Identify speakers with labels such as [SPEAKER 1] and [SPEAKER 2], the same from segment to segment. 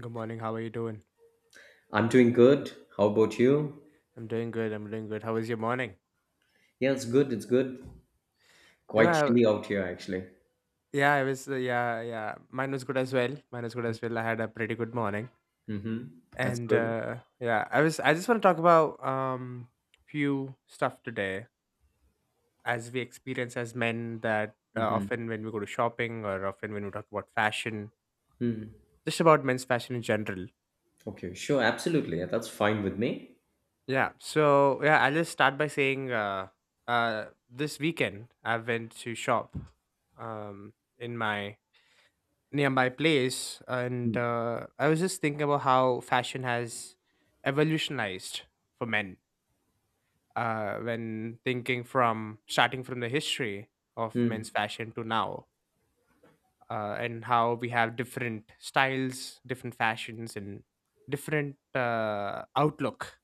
[SPEAKER 1] Good morning. How are you doing?
[SPEAKER 2] I'm doing good. How about you?
[SPEAKER 1] I'm doing good. I'm doing good. How was your morning?
[SPEAKER 2] Yeah, it's good. It's good. Quite
[SPEAKER 1] I,
[SPEAKER 2] chilly out here, actually.
[SPEAKER 1] yeah, I was, yeah, yeah. Mine was good as well. Mine was good as well. I had a pretty good morning,
[SPEAKER 2] Mm-hmm. That's
[SPEAKER 1] and
[SPEAKER 2] good.
[SPEAKER 1] yeah, I was. I just want to talk about few stuff today, as we experience as men that
[SPEAKER 2] Mm-hmm.
[SPEAKER 1] often when we go to shopping or often when we talk about fashion,
[SPEAKER 2] Mm.
[SPEAKER 1] just about men's fashion in general.
[SPEAKER 2] Okay, sure. Absolutely. Yeah, that's fine with me.
[SPEAKER 1] Yeah. So yeah, I'll just start by saying, this weekend I went to shop, um, in my nearby place and
[SPEAKER 2] Mm.
[SPEAKER 1] I was just thinking about how fashion has evolutionized for men when thinking from starting from the history of men's
[SPEAKER 2] Mm.
[SPEAKER 1] fashion to now, and how we have different styles, different fashions, and different outlook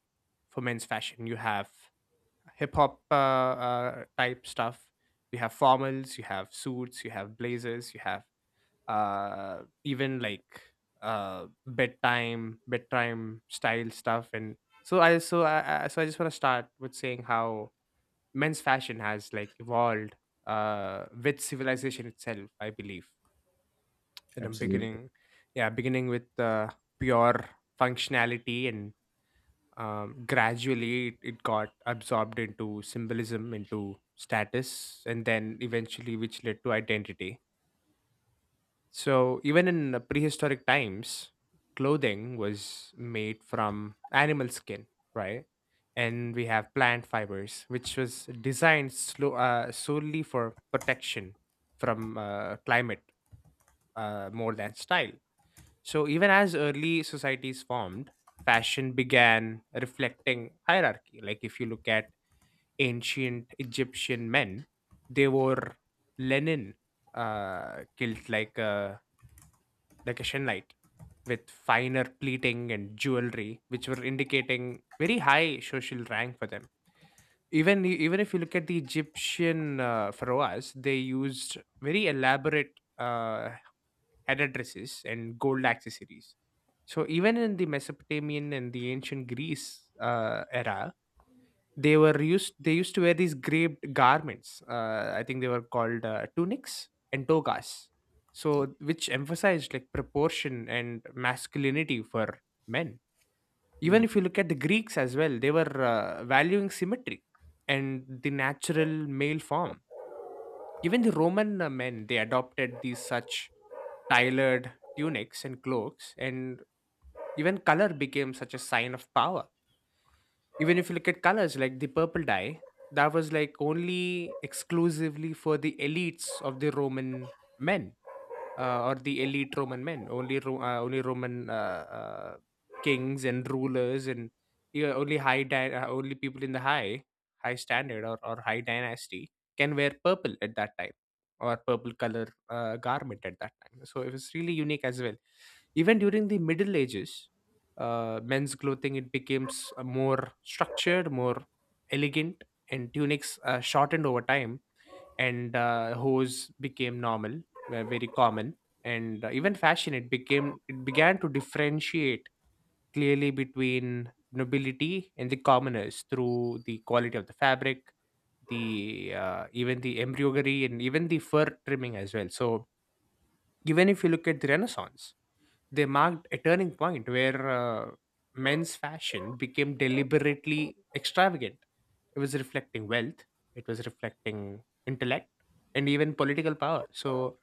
[SPEAKER 1] for men's fashion. You have hip hop, type stuff, you have formals, you have suits, you have blazers, you have uh, even like bedtime style stuff. And so I just want to start with saying how men's fashion has like evolved with civilization itself, I believe. And i'm
[SPEAKER 2] Absolutely.
[SPEAKER 1] beginning yeah beginning with pure functionality and gradually it got absorbed into symbolism, into status, and then eventually which led to identity. So, even in prehistoric times, clothing was made from animal skin, right? And we have plant fibers, which was designed slow, solely for protection from climate more than style. So, even as early societies formed, fashion began reflecting hierarchy. Like, if you look at ancient Egyptian men, they wore linen kilt like a shenlite with finer pleating and jewelry, which were indicating very high social rank for them. Even if you look at the Egyptian pharaohs, they used very elaborate headdresses, dresses, and gold accessories. So even in the Mesopotamian and the ancient Greece era, they were used. They used to wear these draped garments. I think they were called tunics and togas. So which emphasized like proportion and masculinity for men. Even
[SPEAKER 2] Mm.
[SPEAKER 1] if you look at the Greeks as well, they were valuing symmetry and the natural male form. Even the Roman men, they adopted these such tailored tunics and cloaks, and even color became such a sign of power. Even if you look at colors like the purple dye, that was like only exclusively for the elites of the Roman men, or the elite Roman men. Only Roman kings and rulers and yeah, only people in the high standard, or high dynasty can wear purple at that time, or purple color garment at that time. So it was really unique as well. Even during the Middle Ages, men's clothing it becomes more structured, more elegant, and tunics shortened over time, and hose became normal, were very common. And even fashion it began to differentiate clearly between nobility and the commoners through the quality of the fabric, the even the embroidery and even the fur trimming as well. So even if you look at the renaissance, they marked a turning point where men's fashion became deliberately extravagant. It was reflecting wealth, it was reflecting intellect, and even political power. So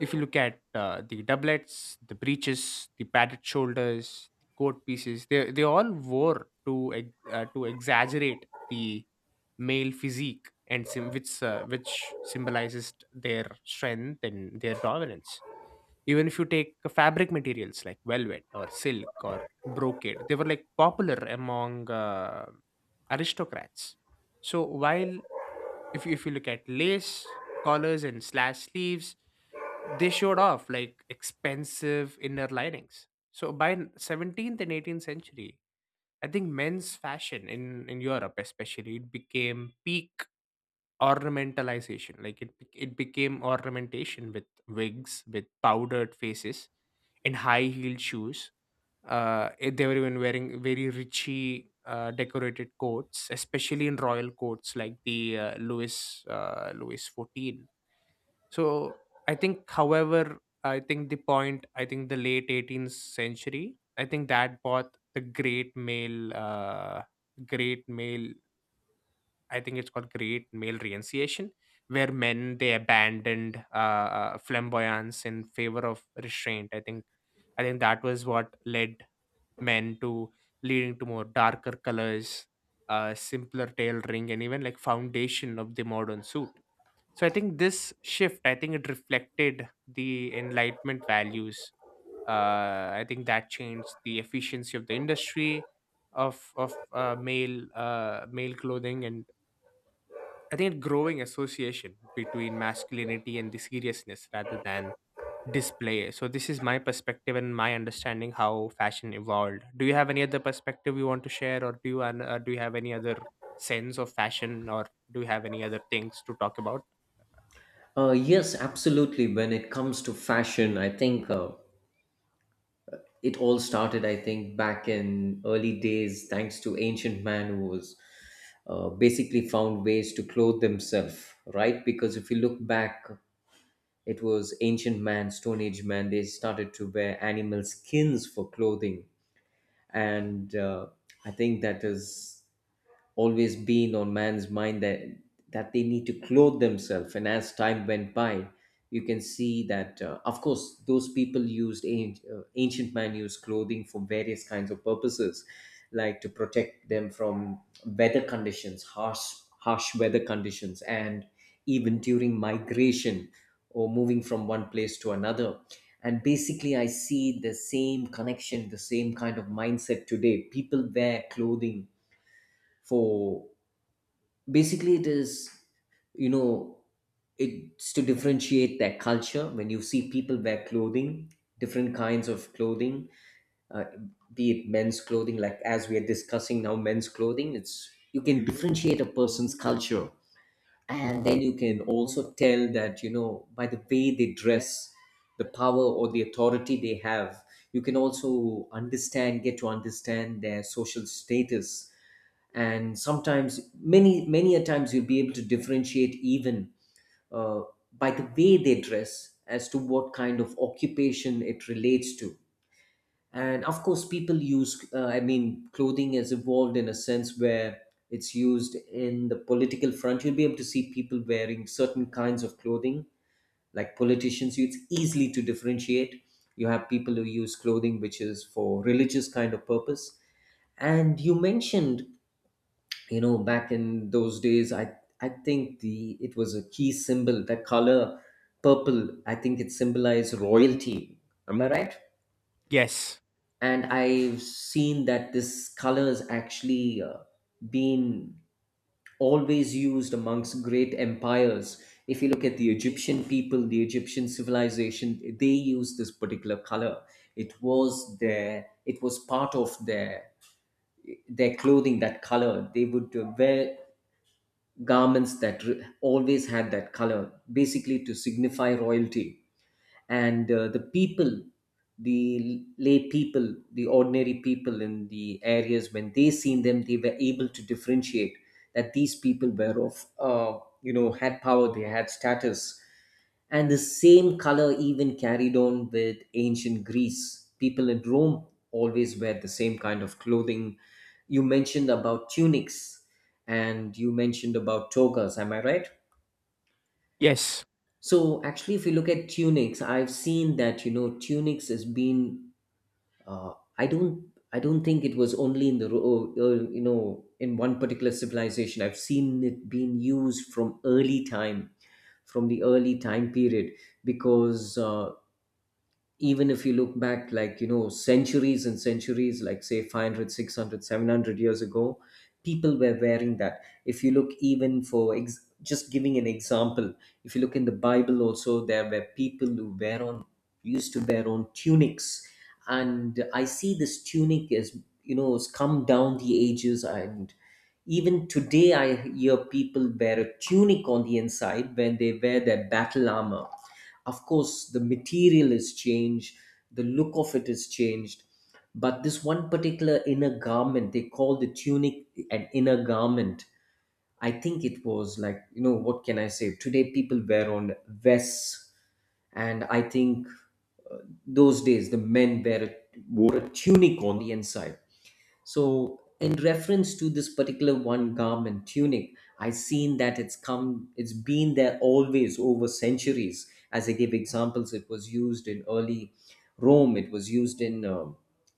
[SPEAKER 1] if you look at the doublets, the breeches, the padded shoulders, the coat pieces, they all wore to to exaggerate the male physique, which symbolizes their strength and their dominance. Even if you take fabric materials like velvet or silk or brocade, they were like popular among aristocrats. So while if you look at lace collars and slash sleeves, they showed off like expensive inner linings. So 17th and 18th century, I think men's fashion in europe especially, it became peak ornamentalization, like it became ornamentation with wigs, with powdered faces and high heeled shoes. They were even wearing very richly decorated coats, especially in royal courts like the Louis XIV. So I think, however, I think the late 18th century, I think that brought the great male, great male. I think it's called great male renunciation, where men they abandoned flamboyance in favor of restraint. I think that was what led men to leading to more darker colors, simpler tail ring, and even like foundation of the modern suit. So I think this shift, I think it reflected the enlightenment values. I think that changed the efficiency of the industry of male clothing, and I think a growing association between masculinity and the seriousness rather than display. So this is my perspective and my understanding how fashion evolved. Do you have any other perspective you want to share, or do you have any other sense of fashion, or do you have any other things to talk about?
[SPEAKER 2] Yes, absolutely. When it comes to fashion, I think it all started, I think, back in early days, thanks to ancient man who was basically found ways to clothe themselves, right? Because if you look back, it was ancient man, Stone Age man. They started to wear animal skins for clothing, and I think that has always been on man's mind that they need to clothe themselves. And as time went by, you can see that of course those people used ancient man used clothing for various kinds of purposes, like to protect them from weather conditions, harsh weather conditions, and even during migration or moving from one place to another. And basically I see the same connection, the same kind of mindset today. People wear clothing for, basically it is, you know, it's to differentiate their culture. When you see people wear clothing, different kinds of clothing, uh, be it men's clothing, like as we are discussing now, men's clothing, it's, you can differentiate a person's culture, and then you can also tell that, you know, by the way they dress, the power or the authority they have. You can also understand, get to understand their social status. And sometimes, many a times, you'll be able to differentiate even, uh, by the way they dress, as to what kind of occupation it relates to. And of course people use, I mean, clothing has evolved in a sense where it's used in the political front. You'll be able to see people wearing certain kinds of clothing, like politicians, it's easily to differentiate. You have people who use clothing which is for religious kind of purpose. And you mentioned, you know, back in those days, I think the, it was a key symbol, that color purple, I think it symbolized royalty, am I right?
[SPEAKER 1] Yes,
[SPEAKER 2] And I've seen that this color has actually been always used amongst great empires. If you look at the Egyptian people, the Egyptian civilization, they used this particular color. It was their, it was part of their clothing, that color. They would wear garments that always had that color, basically to signify royalty. And the people, the lay people, the ordinary people in the areas, when they seen them, they were able to differentiate that these people were of, you know, had power, they had status. And the same color even carried on with ancient Greece. People in Rome always wear the same kind of clothing. You mentioned about tunics, and you mentioned about togas, am I right?
[SPEAKER 1] yes,
[SPEAKER 2] So actually, if you look at Tunix, I've seen that, you know, Tunix has been. I don't. I don't think it was only in the you know, in one particular civilization. I've seen it being used from early time, from the early time period, because even if you look back, like, you know, centuries and centuries, like say 500, 600, 700 years ago, people were wearing that. If you look, even for just giving an example, if you look in the Bible also, there were people who wear on used to wear on tunics. And I see this tunic as, you know, has come down the ages. And even today I hear people wear a tunic on the inside when they wear their battle armor. Of course, the material is changed, the look of it is changed, but this one particular inner garment, they call the tunic, an inner garment. I think it was like, you know, what can I say, today people wear on vests, and I think, uh, those days the men wore a tunic on the inside. So, in reference to this particular one garment, tunic, I seen that it's come, it's been there always over centuries. As I gave examples, it was used in early Rome. It was used in um,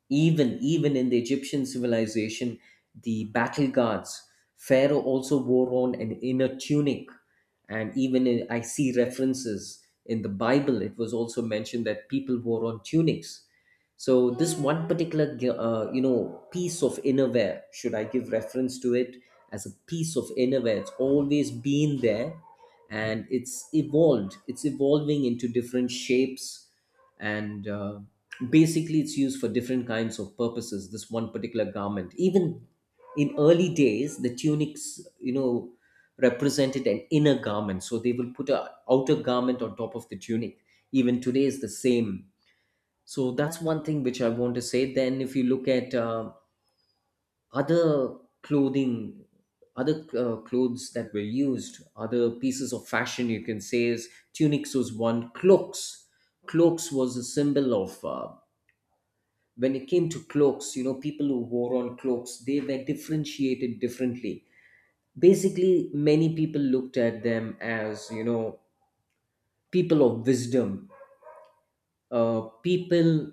[SPEAKER 2] even in the Egyptian civilization, the battle guards. Pharaoh also wore on an inner tunic, and even in, I see references in the Bible. It was also mentioned that people wore on tunics. So this one particular you know, piece of innerwear, should I give reference to it, as a piece of innerwear, it's always been there. And it's evolved, it's evolving into different shapes, and basically it's used for different kinds of purposes, this one particular garment. Even in early days, the tunics, you know, represented an inner garment, so they will put a outer garment on top of the tunic. Even today is the same. So that's one thing which I want to say. Then, if you look at other clothing, other clothes that were used, other pieces of fashion, you can say, is tunics was one. Cloaks, cloaks was a symbol of, when it came to cloaks. You know, people who wore on cloaks, they were differentiated differently. Basically, many people looked at them as, you know, people of wisdom, people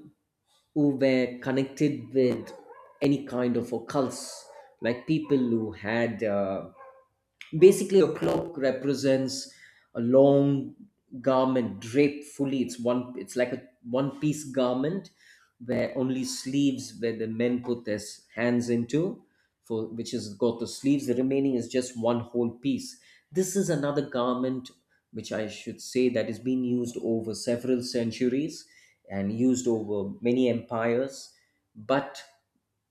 [SPEAKER 2] who were connected with any kind of occults, like people who had basically, a cloak represents a long garment draped fully. It's one. It's like a one-piece garment where only sleeves, where the men put their hands into, for which has got the sleeves. The remaining is just one whole piece. This is another garment which I should say that is being used over several centuries and used over many empires, but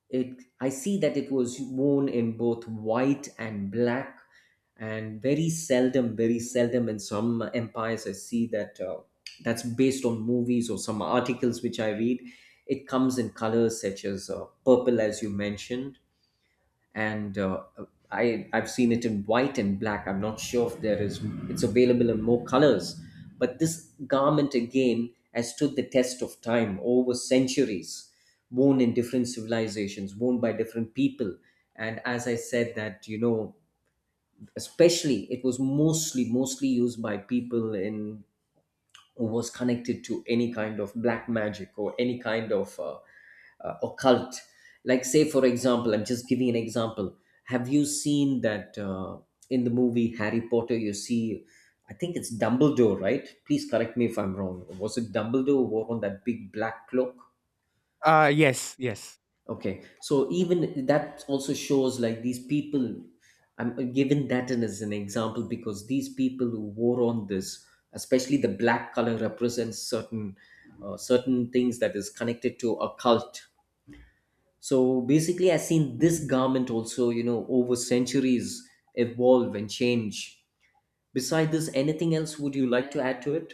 [SPEAKER 2] it, I see that it was worn in both white and black. And very seldom in some empires I see that, that's based on movies or some articles which I read, it comes in colors such as purple, as you mentioned. And I've seen it in white and black. I'm not sure if there is, it's available in more colors, but this garment again has stood the test of time over centuries, worn in different civilizations, worn by different people. And as I said, that, you know, especially it was mostly used by people in, who was connected to any kind of black magic or any kind of occult. Like, say for example, I'm just giving an example, have you seen that, in the movie Harry Potter, you see, I think it's Dumbledore, right? Please correct me if I'm wrong, was it Dumbledore who wore on that big black cloak?
[SPEAKER 1] yes, yes.
[SPEAKER 2] Okay, so even that also shows like these people, I'm giving that in as an example, because these people who wore on this, especially the black color, represents certain certain things that is connected to occult. So basically, I've seen this garment also, you know, over centuries evolve and change. Beside this, anything else would you like to add to it?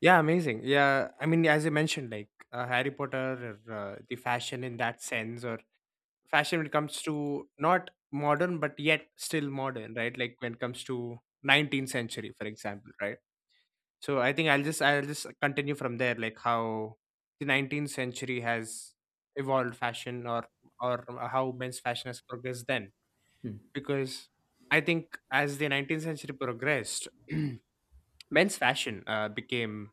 [SPEAKER 1] Yeah, amazing. Yeah, I mean, as I mentioned, like Harry Potter, or, the fashion in that sense, or fashion when it comes to not modern but yet still modern, right? Like when it comes to 19th century, for example, right? So I'll just continue from there, like how the 19th century has evolved fashion, or how men's fashion has progressed then. Because I think as the 19th century progressed, men's fashion became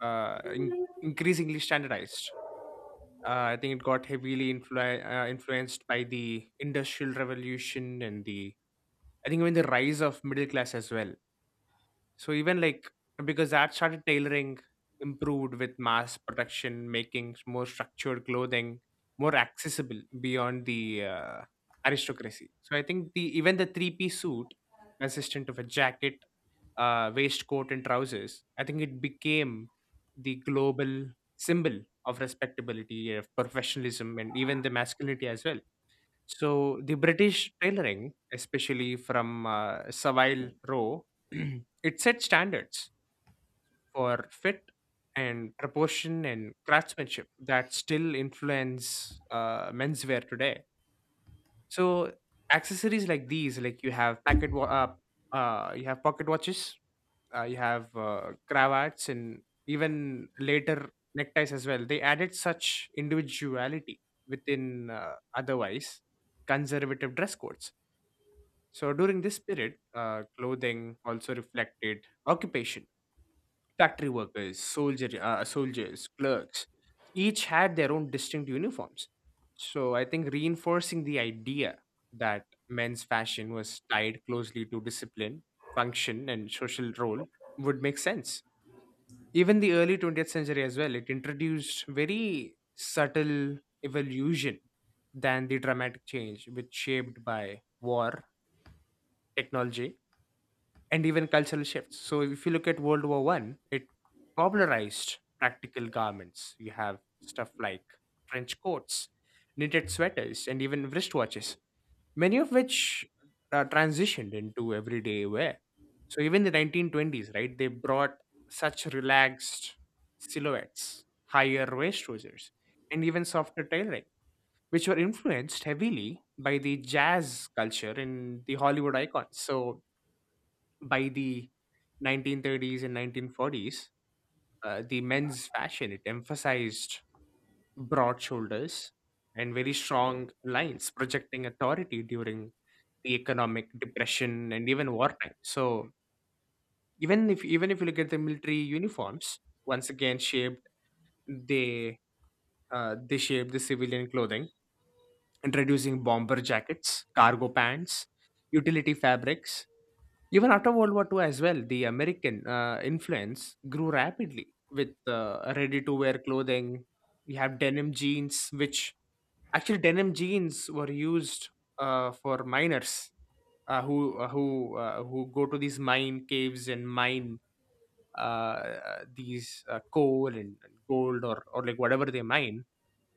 [SPEAKER 1] increasingly standardized. I think it got heavily influenced by the industrial revolution and the I think even the rise of middle class as well. So even like because that started tailoring improved with mass production, making more structured clothing more accessible beyond the aristocracy. So I think the even the three-piece suit, consistent of a jacket, waistcoat, and trousers. I think it became the global symbol of respectability, of professionalism, and even the masculinity as well. So the British tailoring, especially from Savile Row, it set standards for fit and proportion and craftsmanship that still influence menswear today. So accessories like these, like you have pocket watches, you have cravats, and even later neckties as well. They added such individuality within otherwise conservative dress codes. So during this period, clothing also reflected occupation. Factory workers, soldiers, clerks, each had their own distinct uniforms. So I think reinforcing the idea that men's fashion was tied closely to discipline, function, and social role would make sense. Even the early 20th century as well, it introduced very subtle evolution than the dramatic change which shaped by war, technology and even cultural shifts. So if you look at World War One, it popularized practical garments. You have stuff like trench coats, knitted sweaters, and even wristwatches, many of which transitioned into everyday wear. So even the 1920s, right? They brought such relaxed silhouettes, higher waist trousers, and even softer tailoring, which were influenced heavily by the jazz culture and the Hollywood icons. So by the 1930s and 1940s, the men's fashion it emphasized broad shoulders and very strong lines, projecting authority during the economic depression and even wartime. So even if you look at the military uniforms, once again shaped, they they shaped the civilian clothing, introducing bomber jackets, cargo pants, utility fabrics. Even after World War Two as well, the American influence grew rapidly with ready-to-wear clothing. We have denim jeans, which actually denim jeans were used for miners who go to these mine caves and mine uh, these coal and gold or like whatever they mine.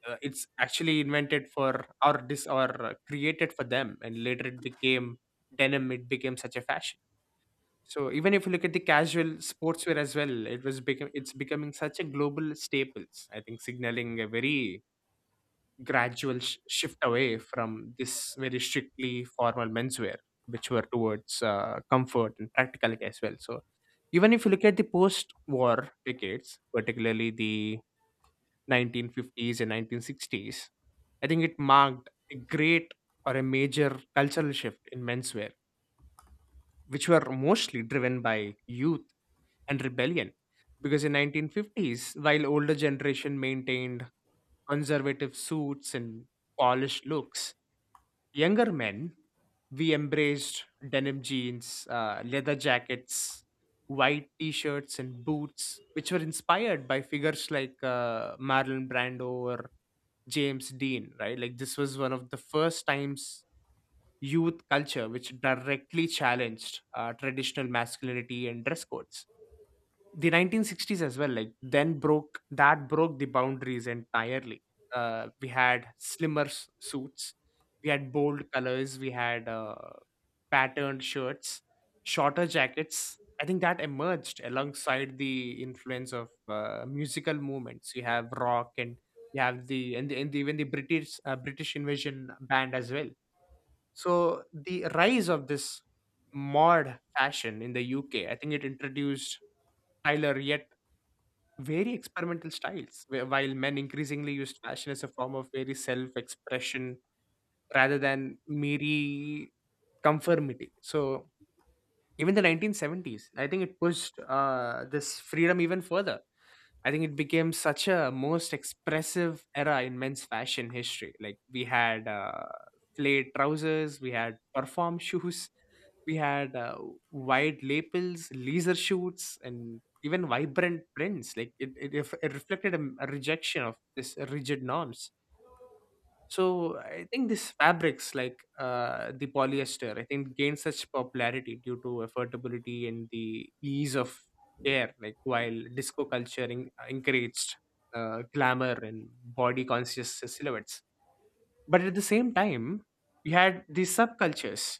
[SPEAKER 1] It's actually invented for or created for them, and later it became denim. It became such a fashion. So even if you look at the casual sportswear as well, it was become it's becoming such a global staples. I think signaling a very gradual shift away from this very strictly formal menswear, which were towards comfort and practicality as well. So even if you look at the post-war decades, particularly the 1950s and 1960s, I think it marked a great or a major cultural shift in menswear, which were mostly driven by youth and rebellion. Because in 1950s, while older generation maintained conservative suits and polished looks, younger men we embraced denim jeans, leather jackets, white t-shirts and boots, which were inspired by figures like Marlon Brando or James Dean, right? Like this was one of the first times youth culture which directly challenged traditional masculinity and dress codes. The 1960s as well, like then broke that broke the boundaries entirely. We had slimmer suits, we had bold colors, we had patterned shirts, shorter jackets. I think that emerged alongside the influence of musical movements. You have rock and you have the even the British British invasion band as well. So the rise of this mod fashion in the UK, I think it introduced Tyler yet. Very experimental styles, while men increasingly used fashion as a form of very self expression rather than mere conformity. So, even the 1970s, I think it pushed this freedom even further. I think it became such a most expressive era in men's fashion history. Like we had flared trousers, we had perform shoes, we had wide lapels, leisure shoots, and even vibrant prints. Like it reflected a rejection of this rigid norms. So I think these fabrics, like the polyester, I think gained such popularity due to affordability and the ease of wear. Like while disco culture encouraged glamour and body conscious silhouettes, but at the same time, we had these subcultures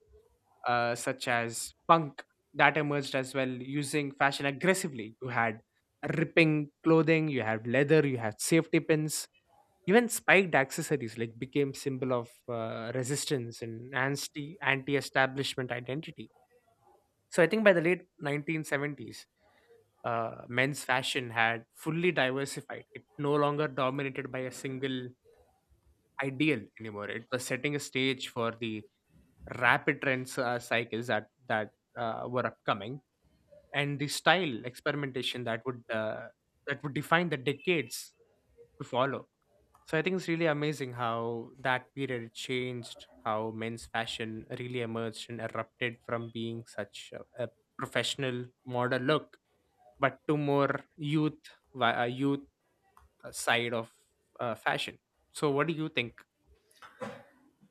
[SPEAKER 1] such as punk that emerged as well using fashion aggressively. You had ripping clothing, you had leather, you had safety pins, even spiked accessories like became symbol of resistance and anti-establishment identity. So I think by the late 1970s, men's fashion had fully diversified. It no longer dominated by a single ideal anymore. It was setting a stage for the rapid trends cycles that were upcoming, and the style experimentation that would define the decades to follow. So I think it's really amazing how that period changed how men's fashion really emerged and erupted from being such a professional model look, but to more youth youth side of fashion. So what do you think?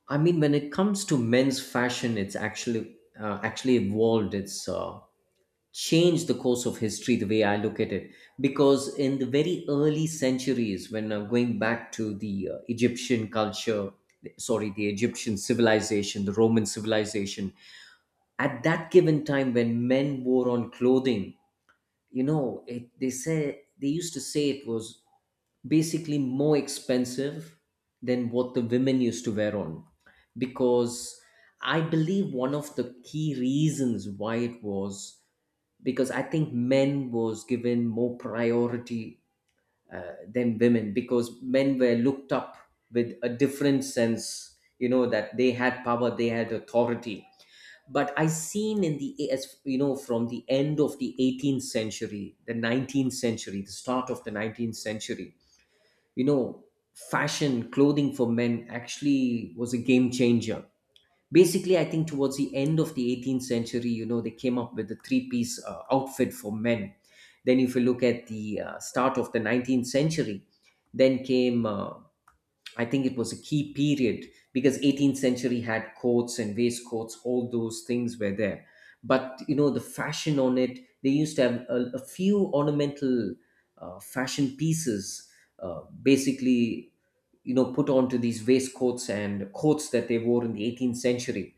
[SPEAKER 2] I mean, when it comes to men's fashion, it's actually actually evolved. It's changed the course of history, the way I look at it. Because in the very early centuries, when going back to the Egyptian culture, sorry, the Egyptian civilization, the Roman civilization, at that given time when men wore on clothing, you know, it, they say, they used to say, it was basically more expensive than what the women used to wear on. Because I believe one of the key reasons why it was, because I think men was given more priority than women, because men were looked up with a different sense, you know, that they had power, they had authority. But I seen in the, as you know, from the end of the 18th century, the 19th century, the start of the 19th century, you know, fashion clothing for men actually was a game changer. Basically, I think towards the end of the 18th century, you know, they came up with the three piece outfit for men. Then if you look at the start of the 19th century, then came I think it was a key period, because 18th century had coats and waistcoats, all those things were there. But you know the fashion on it, they used to have a few ornamental fashion pieces, basically you know put onto these waistcoats and coats that they wore in the 18th century.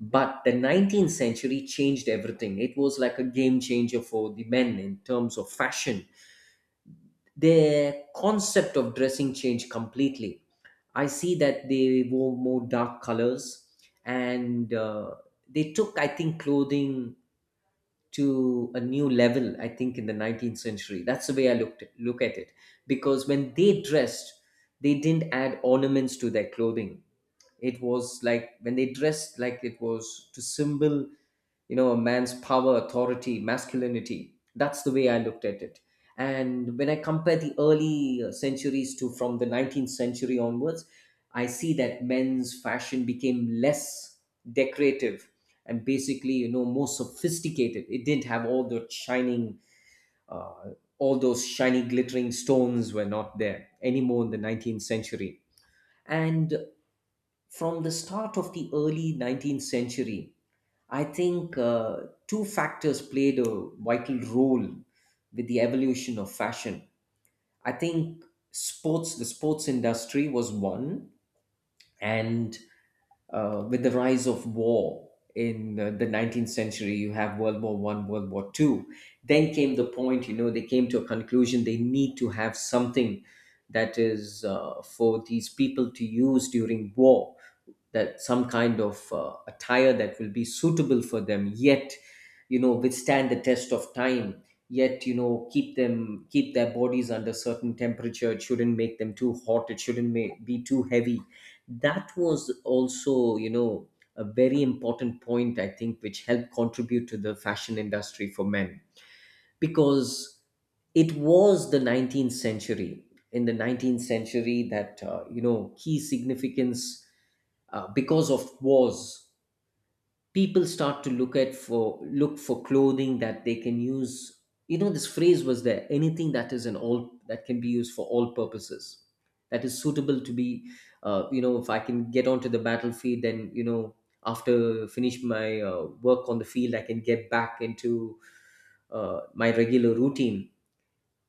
[SPEAKER 2] But the 19th century changed everything. It was like a game changer for the men in terms of fashion. Their concept of dressing changed completely. I see that they wore more dark colors, and they took, I think, clothing to a new level, I think, in the 19th century. That's the way I look at it, because when they dressed, they didn't add ornaments to their clothing. It was like when they dressed, like it was to symbol, you know, a man's power, authority, masculinity. That's the way I looked at it. And when I compare the early centuries to, from the 19th century onwards, I see that men's fashion became less decorative, and basically, you know, more sophisticated. It didn't have all the shining, uh, all those shiny glittering stones were not there anymore in the 19th century. And from the start of the early 19th century, I think two factors played a vital role with the evolution of fashion. I think sports, the sports industry was one, and with the rise of war in the 19th century, you have World War One, World War Two. Then came the point, you know, they came to a conclusion they need to have something that is for these people to use during war, that some kind of attire that will be suitable for them, yet you know, withstand the test of time, yet you know, keep them, keep their bodies under certain temperature. It shouldn't make them too hot, it shouldn't make, be too heavy. That was also, you know, a very important point, I think, which helped contribute to the fashion industry for men. Because it was the 19th century, in the 19th century that you know, key significance, because of wars, people start to look for clothing that they can use. You know, this phrase was, there anything that is an all that can be used for all purposes, that is suitable to be, you know, if I can get onto the battlefield, then you know, after finish my work on the field, I can get back into my regular routine.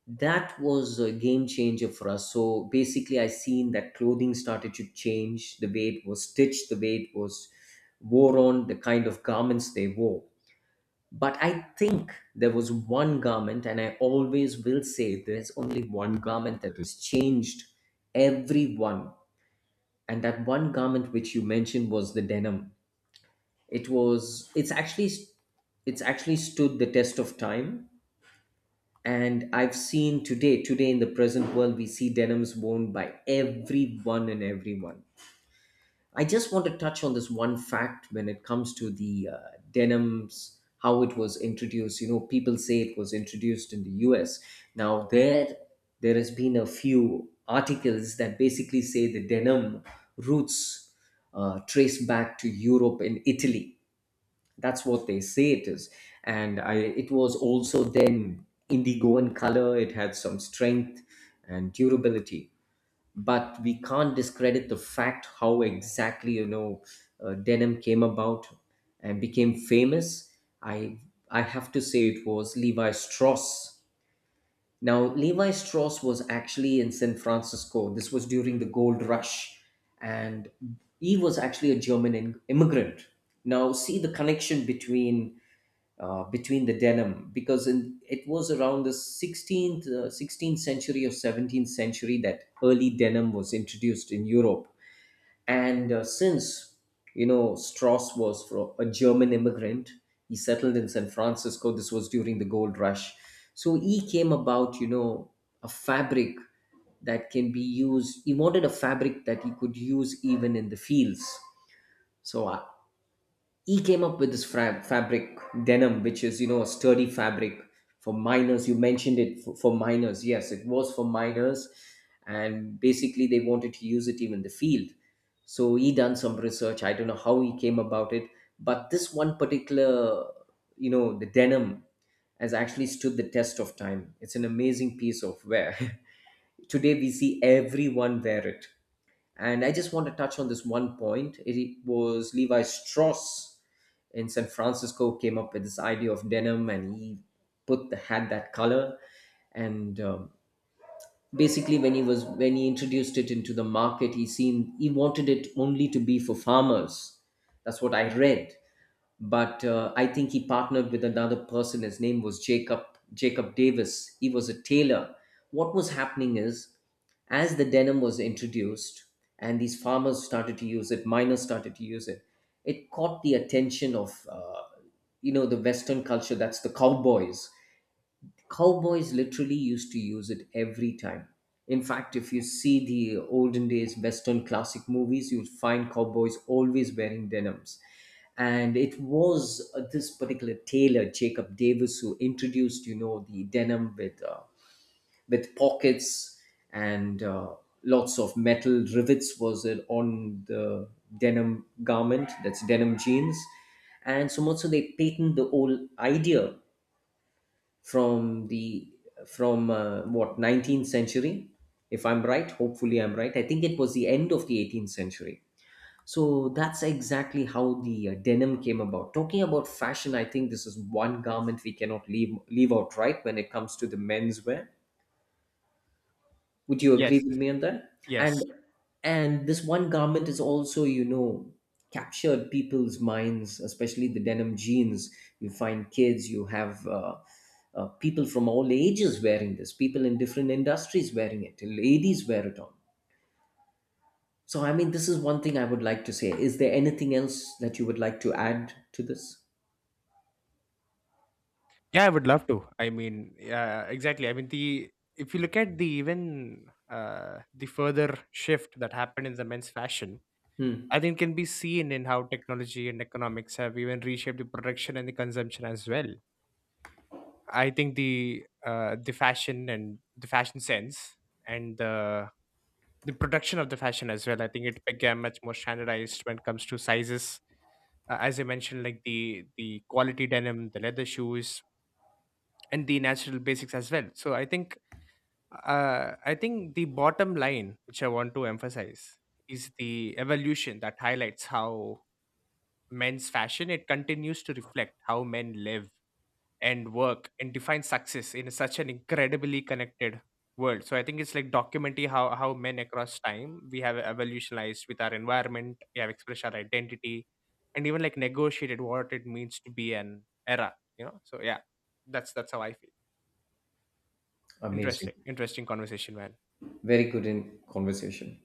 [SPEAKER 2] That was a game changer for us. So basically, I seen that clothing started to change, the way it was stitched, the way it was wore on, the kind of garments they wore. But I think there was one garment, and I always will say there's only one garment that has changed everyone. And that one garment which you mentioned was the denim. It's actually it's actually stood the test of time. And I've seen today, today in the present world, we see denims worn by everyone and everyone. I just want to touch on this one fact when it comes to the denims, how it was introduced. You know, people say it was introduced in the US. Now, there has been a few articles that basically say the denim roots trace back to Europe and Italy. That's what they say it is. And I, it was also then indigo in color, it had some strength and durability. But we can't discredit the fact how exactly, you know, denim came about and became famous. I i have to say it was Levi Strauss. Now Levi Strauss was actually in San Francisco, this was during the gold rush. And he was actually a immigrant. Now see the connection between between the denim, because in, it was around the 16th 16th century or 17th century that early denim was introduced in Europe. And since, you know, Strauss was from a German immigrant, he settled in San Francisco, this was during the gold rush. So he came about, you know, a fabric that can be used. He wanted a fabric that he could use even in the fields. So he came up with this fabric denim, which is, you know, a sturdy fabric for miners. You mentioned it, for miners, yes, it was for miners. And basically, they wanted to use it even in the field. So he done some research, I don't know how he came about it, but this one particular, you know, the denim, has actually stood the test of time. It's an amazing piece of wear. Today we see everyone wear it. And I just want to touch on this one point. It was Levi Strauss in San Francisco came up with this idea of denim, and he put the, had that color. And basically, when he introduced it into the market, he seen he wanted it only to be for farmers. That's what I read. But I think he partnered with another person. His name was Jacob Jacob Davis. He was a tailor. What was happening is, as the denim was introduced and these farmers started to use it, miners started to use it, it caught the attention of you know, the Western culture. That's the cowboys. Cowboys literally used to use it every time. In fact, if you see the olden days Western classic movies, you'll find cowboys always wearing denims. And it was this particular tailor, Jacob Davis, who introduced, you know, the denim with pockets and lots of metal rivets was it on the denim garment, that's denim jeans. And so much so they patent the whole idea from the, from what, 19th century, if I'm right, hopefully I'm right, I think it was the end of the 18th century. So that's exactly how the denim came about. Talking about fashion, I think this is one garment we cannot leave out, right, when it comes to the menswear. Would you agree
[SPEAKER 1] Yes,
[SPEAKER 2] with me on that? And
[SPEAKER 1] yes.
[SPEAKER 2] and this one garment is also, you know, captured people's minds, especially the denim jeans. You find kids, you have people from all ages wearing this, people in different industries wearing it, ladies wear it on. So, I mean, this is one thing I would like to say. Is there anything else that you would like to add to this?
[SPEAKER 1] Yeah, I would love to. I mean, yeah, exactly. I mean, the if you look at the even the further shift that happened in the men's fashion,
[SPEAKER 2] Hmm.
[SPEAKER 1] I think can be seen in how technology and economics have even reshaped the production and the consumption as well. I think the fashion and the fashion sense and the production of the fashion as well. I think it became much more standardized when it comes to sizes, as I mentioned, like the quality denim, the leather shoes, and the natural basics as well. So I think the bottom line, which I want to emphasize, is the evolution that highlights how men's fashion it continues to reflect how men live and work and define success in such an incredibly connected world. So I think it's like documenting how men across time we have evolutionized with our environment, we have expressed our identity, and even like negotiated what it means to be an era. You know, so yeah, that's how I feel.
[SPEAKER 2] Amazing.
[SPEAKER 1] Interesting, interesting conversation, man.
[SPEAKER 2] Very good in conversation.